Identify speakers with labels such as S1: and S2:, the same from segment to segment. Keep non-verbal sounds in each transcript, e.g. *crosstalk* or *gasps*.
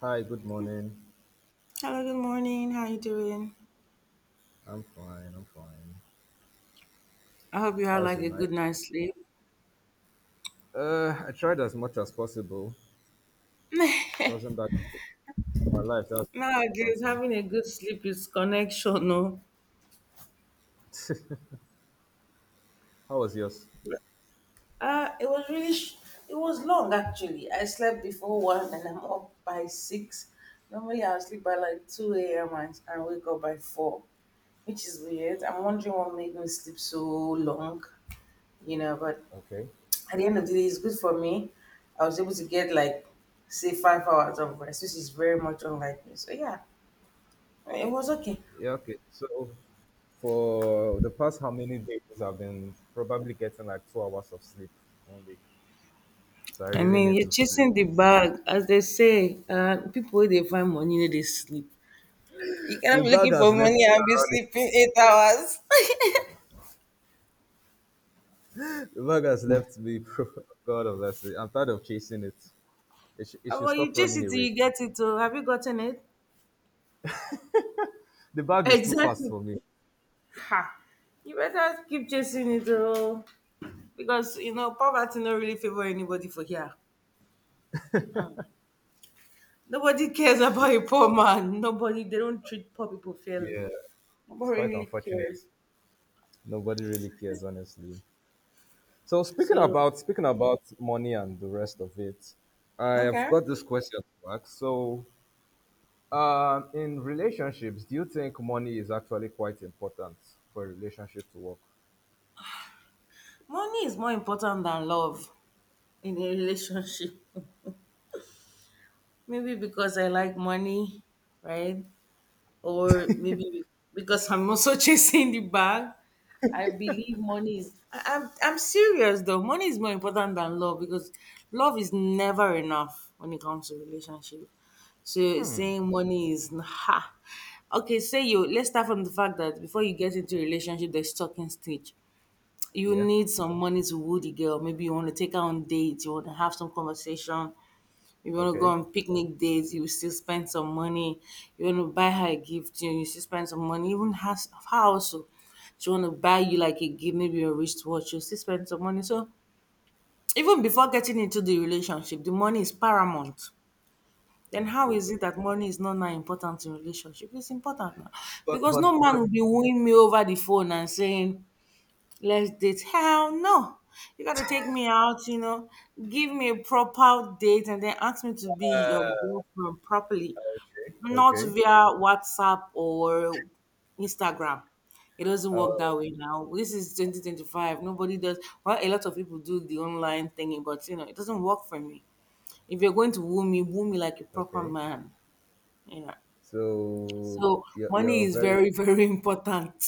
S1: Hi, good morning.
S2: Hello, good morning. How you doing?
S1: I'm fine, I'm fine.
S2: I hope you had
S1: How's
S2: like
S1: your
S2: a
S1: night?
S2: good night's sleep.
S1: I tried as much as possible. It wasn't that good. My life, that's
S2: Now,
S1: the
S2: good.
S1: important
S2: Having a good sleep is connection, no?
S1: thing. *laughs* How was yours?
S2: It was really, it was long actually. I slept before one and I'm up by six. Normally I'll sleep by like 2 a.m. and wake up by four, which is weird. I'm wondering what made me sleep so long, you know, but
S1: Okay.
S2: at the end of the day, it's good for me. I was able to get like, say, 5 hours of rest, which is very much unlike me. So, yeah. It was okay.
S1: Yeah, okay. So for the past how many days I've been probably getting like 2 hours of sleep only. So I
S2: I
S1: really
S2: mean,
S1: need
S2: you're
S1: to sleep.
S2: chasing
S1: *laughs*
S2: the bag, as they say. People wey dey find money, no dey sleep. You cannot
S1: The
S2: be
S1: bag
S2: looking for
S1: has
S2: money
S1: left me
S2: and be
S1: already.
S2: sleeping 8 hours. *laughs*
S1: The bag has left me. *laughs* bro. God of mercy. I'm tired of chasing it. It it should
S2: Omo, you
S1: stop
S2: chase
S1: running
S2: it till
S1: away.
S2: you get it. Oh, have you gotten it?
S1: The
S2: *laughs*
S1: bag is too fast
S2: Exactly.
S1: for me.
S2: Ha. You better keep chasing it, oh, because you know poverty no really favor anybody for here. Mm. Nobody cares about a poor man. Nobody. They don't treat poor people fairly.
S1: Yeah. It's
S2: Nobody
S1: quite
S2: really
S1: unfortunate.
S2: cares.
S1: Nobody really cares, honestly. So
S2: So
S1: speaking about money and the rest of it, I have
S2: okay.
S1: got this question to ask. So, in relationships, do you think money is actually quite important for a relationship to work?
S2: Money is more important than love in a relationship. *laughs* Maybe because I like money, right? Or maybe because I'm also *laughs* chasing the bag. I believe money is. I'm serious though. Money is more important than love because love is never enough when it comes to relationship. So saying money is *laughs* ha. Okay, say you. Let's start from the fact that before you get into a relationship, there's talking stage. You
S1: Yeah.
S2: need some money to woo the girl. Maybe you want to take her on dates, you want to have some conversation, you want to go
S1: Okay.
S2: on picnic dates, you still spend some money, you want to buy her a gift, you still spend some money, even house house. Oh, she want to buy you like a gift, maybe a wristwatch, you still spend some money. So even before getting into the relationship, the money is paramount. Then
S1: Mm,
S2: how
S1: true.
S2: is
S1: Though.
S2: it that money is not now important in relationship? It's important now.
S1: But
S2: Because no
S1: but
S2: man
S1: but
S2: will be wooing me over the phone and saying, let's date. Hell no. You gotta take me out, you know, give me a proper date and then ask me to be your girlfriend properly,
S1: okay.
S2: not
S1: okay.
S2: via WhatsApp or Instagram. It doesn't
S1: Uh,
S2: work that way now. This is 2025. Nobody does. Well, a lot of people do the online thingy, but you know, it doesn't work for me. If you're going to woo me like a proper
S1: okay.
S2: man, you know.
S1: So
S2: So
S1: you're
S2: money
S1: you're
S2: is
S1: very
S2: very, *laughs* very important.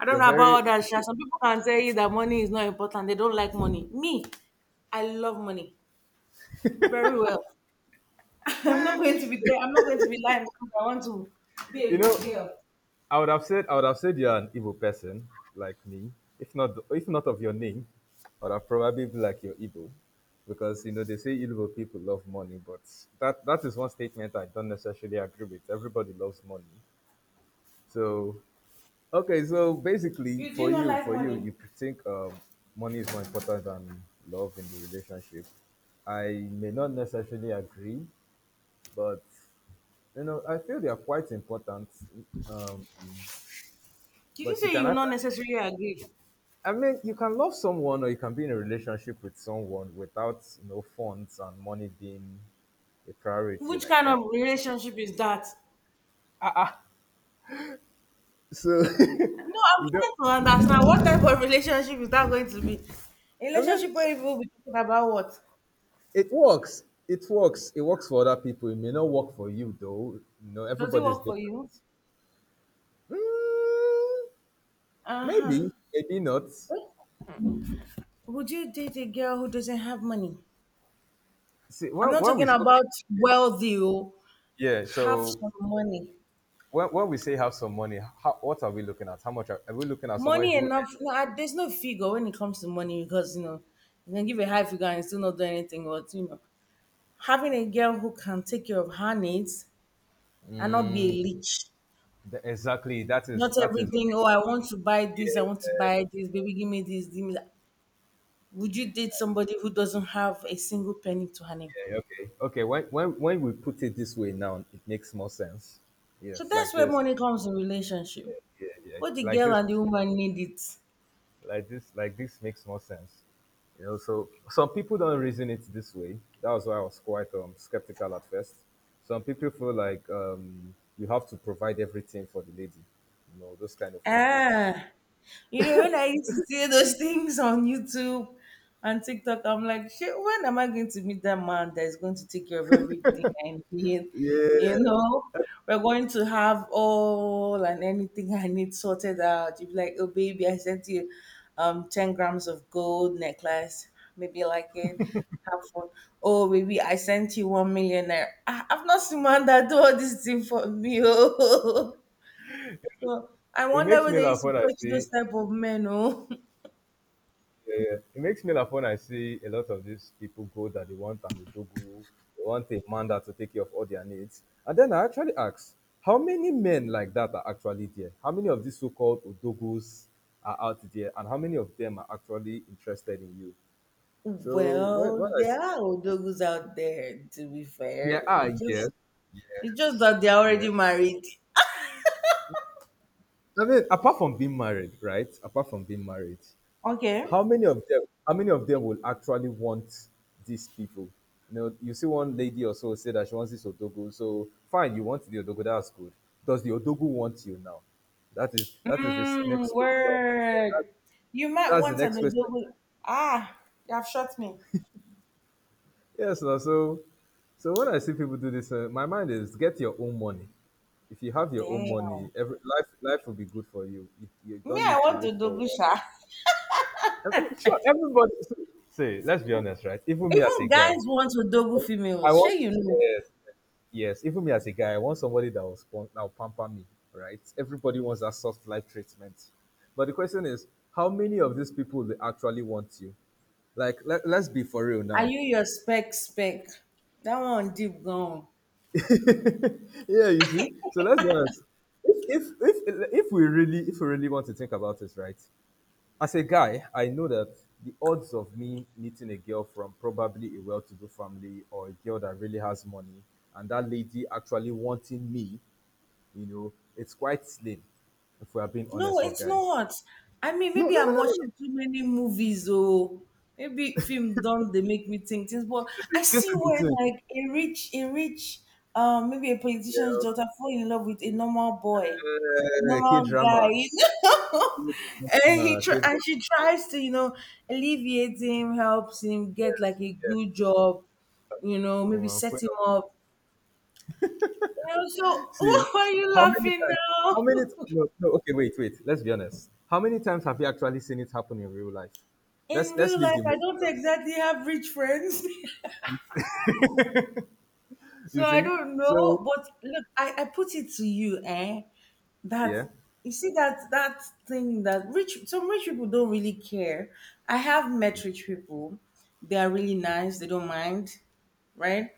S2: I don't
S1: you're
S2: know
S1: very
S2: about others, sha. Some people can tell you that money is not important. They don't like money. Me, I love money very well. *laughs* I'm not going to be there. I'm not going to be lying because I want to be
S1: *laughs* you
S2: a good
S1: know
S2: girl.
S1: I would have said you're an evil person like me. If not of your name, I would have probably be like you're evil. Because you know they say evil people love money, but that is one statement I don't necessarily agree with. Everybody loves money. So okay, so basically
S2: You do not like
S1: for you,
S2: money.
S1: you think money is more important than love in the relationship. I may not necessarily agree, but you know, I feel they are quite important. Um,
S2: Did you
S1: but you
S2: say
S1: can
S2: you not
S1: actually
S2: necessarily agree?
S1: I mean, you can love someone or you can be in a relationship with someone without, you know, funds and money being a priority
S2: Which
S1: like
S2: kind
S1: that.
S2: of relationship is that?
S1: Ah, ah. So
S2: No,
S1: *laughs*
S2: I'm
S1: you
S2: trying
S1: don't.
S2: to understand what type of relationship is that going to be? A
S1: I mean,
S2: relationship where you will be talking about what?
S1: it works. It works for other people. It may not work for you though. You know,
S2: Does it
S1: everybody's
S2: work for
S1: different.
S2: you?
S1: Mm,
S2: Uh huh.
S1: maybe not.
S2: Would you date a girl who doesn't have money?
S1: See,
S2: I'm not
S1: when we
S2: talking
S1: okay,
S2: about wealthy. Oh.
S1: yeah.
S2: Have
S1: So
S2: some money.
S1: when we say have some money, how, what are we looking at? Are we looking at? Someone
S2: Money
S1: who
S2: enough. No, I, there's no figure when it comes to money because you know you can give a high figure and still not do anything. But you know, having a girl who can take care of her needs and not be a
S1: earns
S2: leech.
S1: Exactly.
S2: Not
S1: That is okay.
S2: everything. Oh, I want to buy this. I want
S1: Yeah,
S2: to buy this. Baby, give me this. Give me that. Would you date somebody who doesn't have a single penny to her name?
S1: yeah, okay. Okay. When we put it this way now, it makes more sense.
S2: So
S1: Yes, like
S2: that's where
S1: this.
S2: money comes in relationship.
S1: Yeah, yeah.
S2: Both the girl and the woman need it.
S1: Like this makes more sense. You know, so some people don't reason it this way. That was why I was quite skeptical at first. Some people feel like you have to provide everything for the lady. You know, those kind of people.
S2: Ah, you know, when I used to see those things on YouTube and TikTok, I'm like, shit, when am I going to meet that man that is going to take care of everything and need? You
S1: Yeah.
S2: know, we're going to have all and anything I need sorted out. You'd be like, oh, baby, I sent you 10 grams of gold necklace. Maybe you like it. Have fun. Oh, baby, I sent you one millionaire. I've not seen man that do all this thing for me. *laughs* Oh. So I
S1: It
S2: wonder
S1: makes
S2: where
S1: me
S2: they
S1: laugh
S2: used to
S1: when I
S2: fetch
S1: see
S2: those type of men. Oh,
S1: Yeah, it makes me laugh when I see a lot of these people go that they want Amidogu, they want a man that to take care of all their needs. And then I actually ask, how many men like that are actually there? How many of these so-called Odogus are out there? And how many of them are actually interested in you?
S2: *laughs*
S1: So
S2: well,
S1: when I
S2: there
S1: see,
S2: are odogus out there. To be
S1: yeah,
S2: fair,
S1: ah, yes, yes.
S2: it's just that they're already
S1: yes.
S2: married.
S1: I mean, apart from being married, right? Apart from being married,
S2: Okay.
S1: how many of them will actually want these people, you know, you see one lady or so say that she wants this odogo so fine, you want the odogo that's good. Does the odogo want you now? That is this
S2: Mm,
S1: next question.
S2: word. You might
S1: That's the
S2: want an
S1: next question.
S2: odogu. Ah, you have shot me.
S1: Yes, so so when I see people do this, my mind is get your own money. If you have your own money,
S2: Damn.
S1: every life will be good for you. You
S2: Me,
S1: don't
S2: I
S1: need to
S2: want
S1: wait for.
S2: odogu
S1: One.
S2: sha.
S1: I mean, sure, everybody. Say, let's be honest, right? Even
S2: *laughs*
S1: me as a
S2: Even
S1: guy,
S2: guys want odogu
S1: I
S2: females. Sure,
S1: want
S2: you know.
S1: yes, yes. Even me as a guy, I want somebody that will that will pamper me, right? Everybody wants that soft life treatment, but the question is, how many of these people they actually want you? Let's be for real
S2: Are
S1: now.
S2: you your spec spec? That one deep gone.
S1: *laughs* yeah, you see. So let's be honest. If we really want to think about this, right? As a guy, I know that the odds of me meeting a girl from probably a well to do family or a girl that really has money and that lady actually wanting me, you know, it's quite slim if we are being honest
S2: No,
S1: for
S2: it's
S1: guys.
S2: not. I mean,
S1: No,
S2: maybe
S1: no, no,
S2: I'm
S1: no, no. no.
S2: watching too many movies, or maybe film don't they make me think things. But I
S1: This
S2: see
S1: is
S2: where
S1: the thing.
S2: like a rich, maybe a politician's daughter fall in love with a normal boy, a
S1: Yeah, K
S2: normal guy, *laughs*
S1: drama.
S2: you know,
S1: K
S2: and
S1: drama.
S2: and she tries to, you know, alleviate him, helps him get
S1: Yes,
S2: like a
S1: yes.
S2: good job, you know,
S1: Oh,
S2: maybe
S1: of.
S2: set him up. You know, so
S1: See,
S2: *laughs* why are you
S1: how many
S2: laughing
S1: times?
S2: now?
S1: How many?
S2: *laughs*
S1: No, no. Okay, wait, wait. Let's be honest. How many times have you actually seen it happen in real life?
S2: In
S1: Let's
S2: real
S1: leave
S2: life,
S1: the
S2: I
S1: movies
S2: don't
S1: aside.
S2: exactly have rich friends. *laughs*
S1: You
S2: So I
S1: see?
S2: don't
S1: So
S2: know. But look, I put it to you, eh? That
S1: yeah,
S2: you see that that thing that rich some rich people don't really care. I have met rich people. They are really nice, they don't mind, right?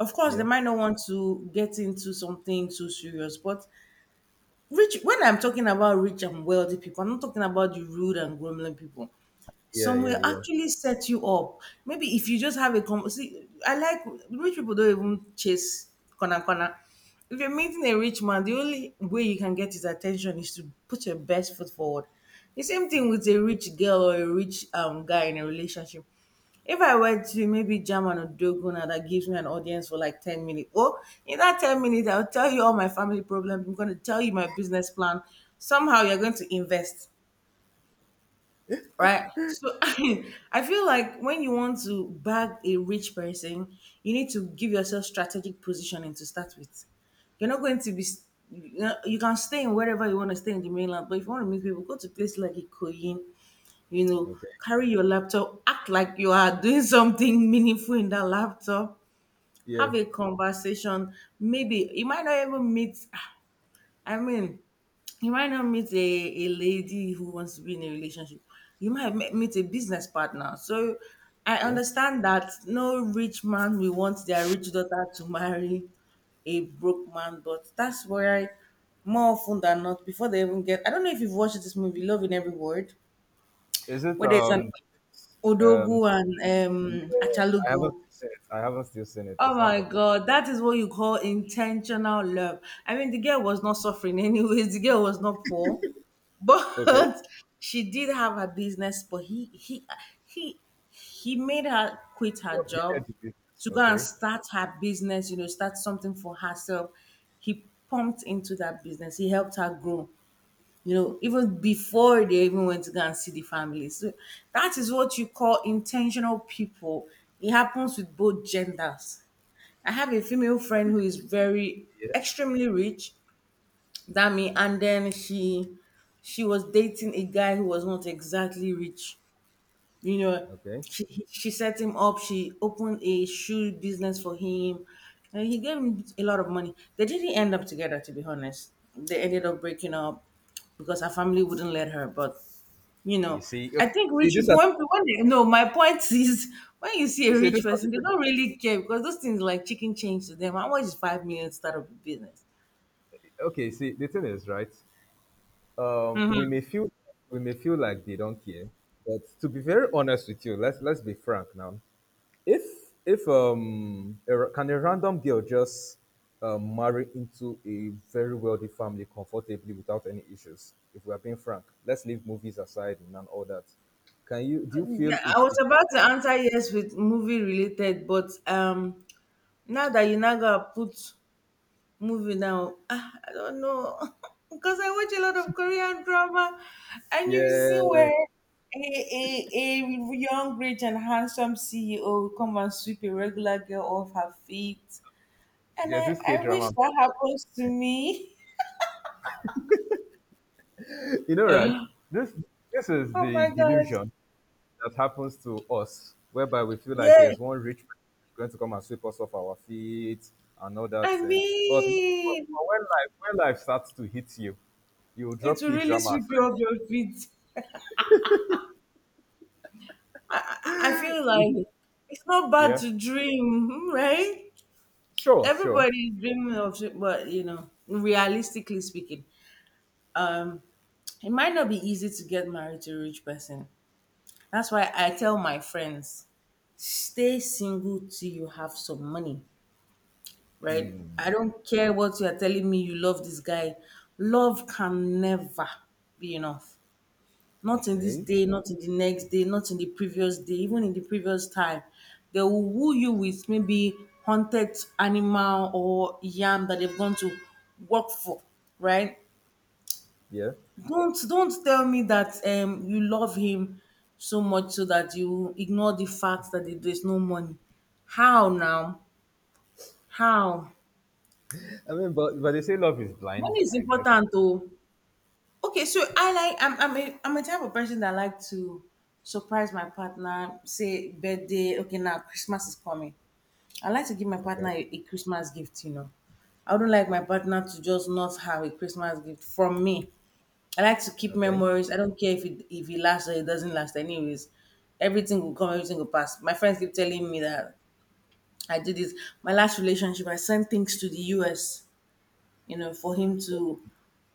S2: Of course, they
S1: yeah,
S2: might not want to get into something too serious, but rich when I'm talking about rich and wealthy people, I'm not talking about the rude and grumbling people.
S1: yeah,
S2: Some
S1: yeah,
S2: will
S1: yeah.
S2: actually set you up. Maybe if you just have a see, I like rich people don't even chase corner corner. If you're meeting a rich man, the only way you can get his attention is to put your best foot forward. The same thing with a rich girl or a rich guy in a relationship. If I were to maybe German or Dogona that gives me an audience for like 10 minutes, well, in that 10 minutes, I'll tell you all my family problems. I'm going to tell you my business plan. Somehow you're going to invest, right? So *laughs* I feel like when you want to bag a rich person, you need to give yourself strategic positioning to start with. You're not going to be, you know, you can stay in wherever you want to stay in the mainland, but if you want to meet people, go to places like Ikoyin, you know,
S1: Okay,
S2: carry your laptop, act like you are doing *laughs* something meaningful in that laptop,
S1: yeah.
S2: have a conversation. Maybe you might not even meet, I mean, you might not meet a lady who wants to be in a relationship. You might meet a business partner. So I
S1: Cool.
S2: understand that no rich man will want their rich daughter to marry a broke man, but that's where more often than not, before they even get, I don't know if you've watched this movie, Love in Every Word,
S1: Is it
S2: where there's an
S1: um?
S2: Odogu and
S1: Yeah, I haven't
S2: Achalugo.
S1: seen it. I haven't still seen it.
S2: Oh
S1: It's not
S2: my
S1: from.
S2: God, that is what you call intentional love. I mean, the girl was not suffering *laughs* anyways, the girl was not poor, but
S1: Okay.
S2: *laughs* she did have her business, but he he made her quit
S1: Your
S2: her job
S1: upgraded the
S2: to go and
S1: Okay.
S2: start her business, you know, start something for herself. He pumped into that business, he helped her grow, you know, even before they even went to go and see the family. So that is what you call intentional people. It happens with both genders. I have a female friend who is very
S1: Yeah.
S2: extremely rich than me, and then she was dating a guy who was not exactly rich. You know,
S1: Okay.
S2: she set him up. She opened a shoe business for him, and he gave him a lot of money. They didn't end up together, to be honest. They ended up breaking up because her family wouldn't let her. But you
S1: You
S2: know
S1: see.
S2: I
S1: Okay.
S2: think
S1: You see
S2: rich
S1: this.
S2: people when they no my point *laughs* is when you see a rich
S1: Are
S2: person they
S1: the,
S2: don't really care because those things like chicken change to them how much is 5 million to start up a business.
S1: okay. See the thing is right. um, we may feel we may feel like they don't care, but to be very honest with you, let's be frank now. If a can a random girl just marry into a very wealthy family comfortably without any issues? If we are being frank, let's leave movies aside and all that. Can you do you feel
S2: I was
S1: it
S2: about to
S1: happened?
S2: answer yes with movie related but now that you now gotta put movie now ah, I don't know *laughs* because I watch a lot of Korean drama and you see
S1: Yeah,
S2: where a, a, a young, rich, and handsome CEO come and sweep a regular girl off her feet. And
S1: there's this K
S2: I wish
S1: drama.
S2: that happens to me. *gasps*
S1: You know, right?
S2: *laughs*
S1: This this is
S2: Oh
S1: the
S2: my God.
S1: delusion that happens to us, whereby we feel like
S2: Yeah.
S1: there's one rich person going to come and sweep us off our feet and all that
S2: I
S1: thing. But
S2: mean,
S1: when life starts to hit you, you
S2: it
S1: drop
S2: will
S1: key
S2: really
S1: drama
S2: sweep you
S1: aside.
S2: off your feet. I, I feel like it's not bad
S1: Yeah.
S2: to dream, hmm, right?
S1: Sure, sure.
S2: Everybody is dreaming of it, but you know, realistically speaking, um, it might not be easy to get married to a rich person. That's why I tell my friends, stay single till you have some money. Right? I don't care what you are telling me you love this guy. Love can never be enough. Not in this
S1: Okay.
S2: day, not in the next day, not in the previous day, even in the previous time. They will woo you with maybe hunted animal or yam that they've gone to work for, right?
S1: Yeah.
S2: Don't tell me that you love him so much so that you ignore the fact that there's no money. How now? How?
S1: I mean but they say love is blind,
S2: Money is
S1: I guess.
S2: important though. Okay, so I like I'm a type of person that like to surprise my partner, say birthday, okay now Christmas is coming. I like to give my
S1: Okay.
S2: partner a Christmas gift. I don't like my partner to just not have a Christmas gift from me. I like to keep
S1: Okay.
S2: memories. I don't care if it lasts or it doesn't last anyways. Everything will come, everything will pass. My friends keep telling me that I did this. My last relationship, I sent things to the US, you know, for him to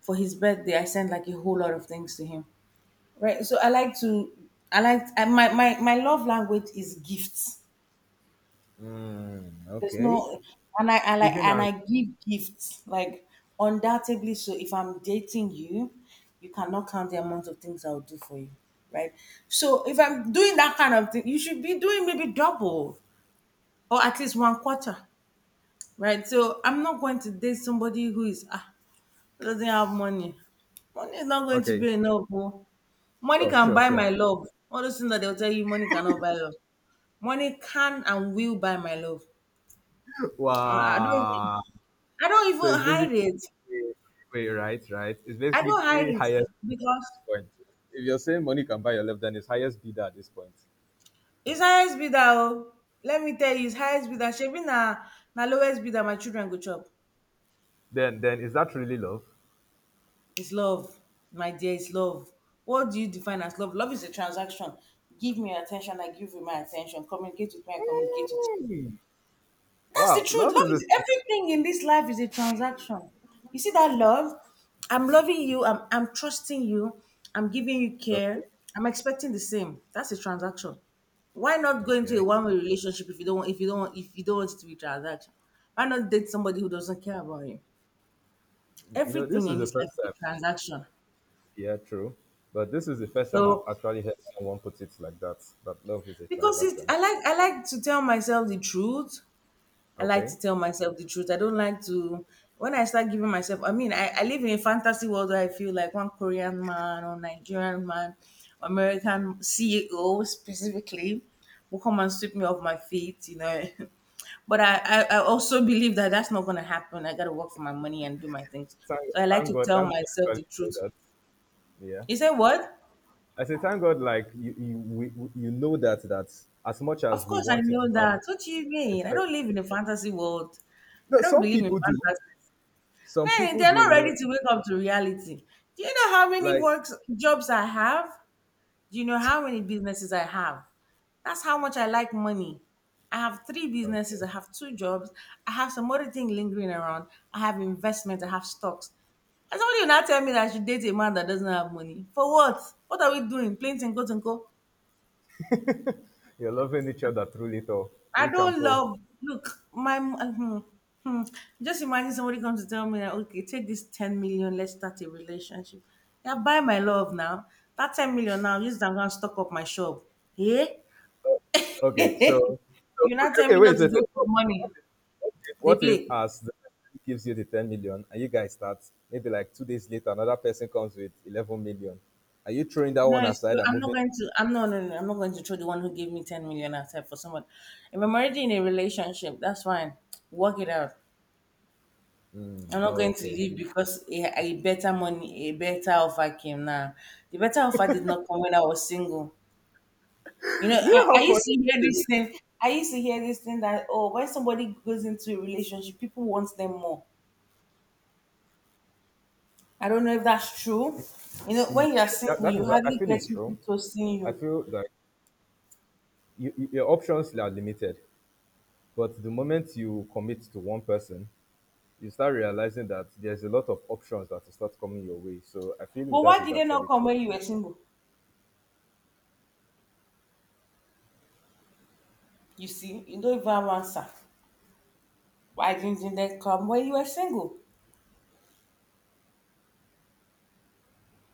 S2: for his birthday. I sent like a whole lot of things to him. Right. So I like to, I like I, My love language is gifts.
S1: Mm,
S2: There's
S1: okay.
S2: no, and I like
S1: Giving
S2: and
S1: and
S2: I give gifts like undoubtedly. So if I'm dating you, you cannot count the amount of things I'll do for you, right? So if I'm doing that kind of thing, you should be doing maybe double or at least one quarter, right? So I'm not going to date somebody who is ah doesn't have money. Money is not going to
S1: okay.
S2: be enough. Oh. Money
S1: Sure,
S2: can
S1: sure,
S2: buy
S1: sure.
S2: my love. All those things that they'll tell you, money cannot buy love. Money can and will buy my love.
S1: *laughs*
S2: I I don't even-
S1: Wow.
S2: I don't
S1: So
S2: even
S1: it's
S2: hide
S1: basically
S2: it.
S1: wait, right, right. It's
S2: I don't hide
S1: basically
S2: it
S1: highest bidder at
S2: because
S1: this point. If you're saying money can buy your love, then it's highest bidder at this point.
S2: it's highest bidder. Oh. Let me tell you, it's highest bidder. Shebi na, na lowest bidder my children go chop.
S1: Then is that really love?
S2: It's love, my dear, it's love. What do you define as love? Love is a transaction. Give me your attention, I give you my attention. Communicate with me, I communicate with you.
S1: Hey!
S2: That's the
S1: Wow,
S2: truth.
S1: love
S2: Love
S1: is this
S2: is everything in this life is a transaction. You see that love? I'm loving you. I'm trusting you. I'm giving you
S1: okay.
S2: care. I'm expecting the same. That's a transaction. Why not go into
S1: Okay.
S2: a one-way relationship if you don't want, if you don't want, if you don't want it to be transaction? Why not date somebody who doesn't care about you?
S1: You know, this
S2: Everything
S1: is
S2: in
S1: the
S2: this life
S1: first
S2: is
S1: time.
S2: a transaction.
S1: Yeah, true. But this is the first time I've
S2: So
S1: actually heard someone put it like that. That love is a
S2: because it's,
S1: transaction.
S2: I like to tell myself the truth. I like
S1: Okay.
S2: to tell myself the truth. I don't like to when I start giving myself I live in a fantasy world where I feel like one Korean man or Nigerian man, American CEO specifically will come and sweep me off my feet, you know. *laughs* But I also believe that that's not gonna happen. I gotta work for my money and do my things. So I like to tell
S1: Thank God
S2: myself
S1: I
S2: the
S1: actually know
S2: truth.
S1: that. Yeah.
S2: You say what?
S1: I say, thank God, like we- you know that that as much as
S2: Of
S1: we
S2: course I
S1: want it
S2: know
S1: to happen,
S2: that. What do you
S1: it's
S2: mean? I
S1: very.
S2: don't live in a fantasy world.
S1: No,
S2: I don't
S1: some
S2: believe in
S1: people do.
S2: fantasy.
S1: Some
S2: Hey,
S1: people
S2: they're
S1: do.
S2: not
S1: You know,
S2: ready to wake up to reality. Do you know how many
S1: like
S2: works jobs I have? Do you know how many businesses I have? That's how much I like money. I have 3 businesses,
S1: okay,
S2: I have 2 jobs, I have some other thing lingering around, I have investment, I have stocks. And somebody will not tell me that I should date a man that doesn't have money. For what? What are we doing? Plain and go and go.
S1: you're loving each other through little,
S2: I
S1: rich and
S2: don't
S1: poor.
S2: love. Look, my hmm. just imagine somebody comes to tell me that okay, take this 10 million, let's start a relationship. Yeah, buy my love now. That 10 million now, just I'm gonna stock up my shop. Yeah,
S1: Okay, so, so
S2: you not tell
S1: okay,
S2: me not to
S1: wait.
S2: go for money. They
S1: What if
S2: play.
S1: as the person gives you the 10 million and you guys start maybe like 2 days later, another person comes with 11 million. Are you throwing that
S2: No,
S1: one
S2: it's
S1: aside
S2: true.
S1: and
S2: I'm not
S1: moving?
S2: going to. I'm not. No, no, no, I'm not going to throw the one who gave me 10 million outside for someone. If I'm already in a relationship, that's fine. Work it out.
S1: Mm,
S2: I'm not going to
S1: okay.
S2: leave because a better money, a better offer came now. The better offer did not come when I was single. You
S1: You
S2: know, I,
S1: know
S2: I
S1: how funny
S2: used to
S1: it
S2: hear
S1: is?
S2: this thing. I used to hear this thing that, oh, when somebody goes into a relationship, people want them more. I don't know if that's true. You know,
S1: Mm,
S2: when you are single,
S1: that
S2: you
S1: is, I
S2: hardly
S1: feel
S2: get
S1: it's true.
S2: people to see
S1: I
S2: you.
S1: feel like you- your options are limited, but the moment you commit to one person, you start realizing that there's a lot of options that will start coming your way. So I feel
S2: But
S1: that
S2: why
S1: is
S2: did they not
S1: actually
S2: come
S1: true.
S2: when you were single? You see, you don't even have answer. Why didn't they come when you were single?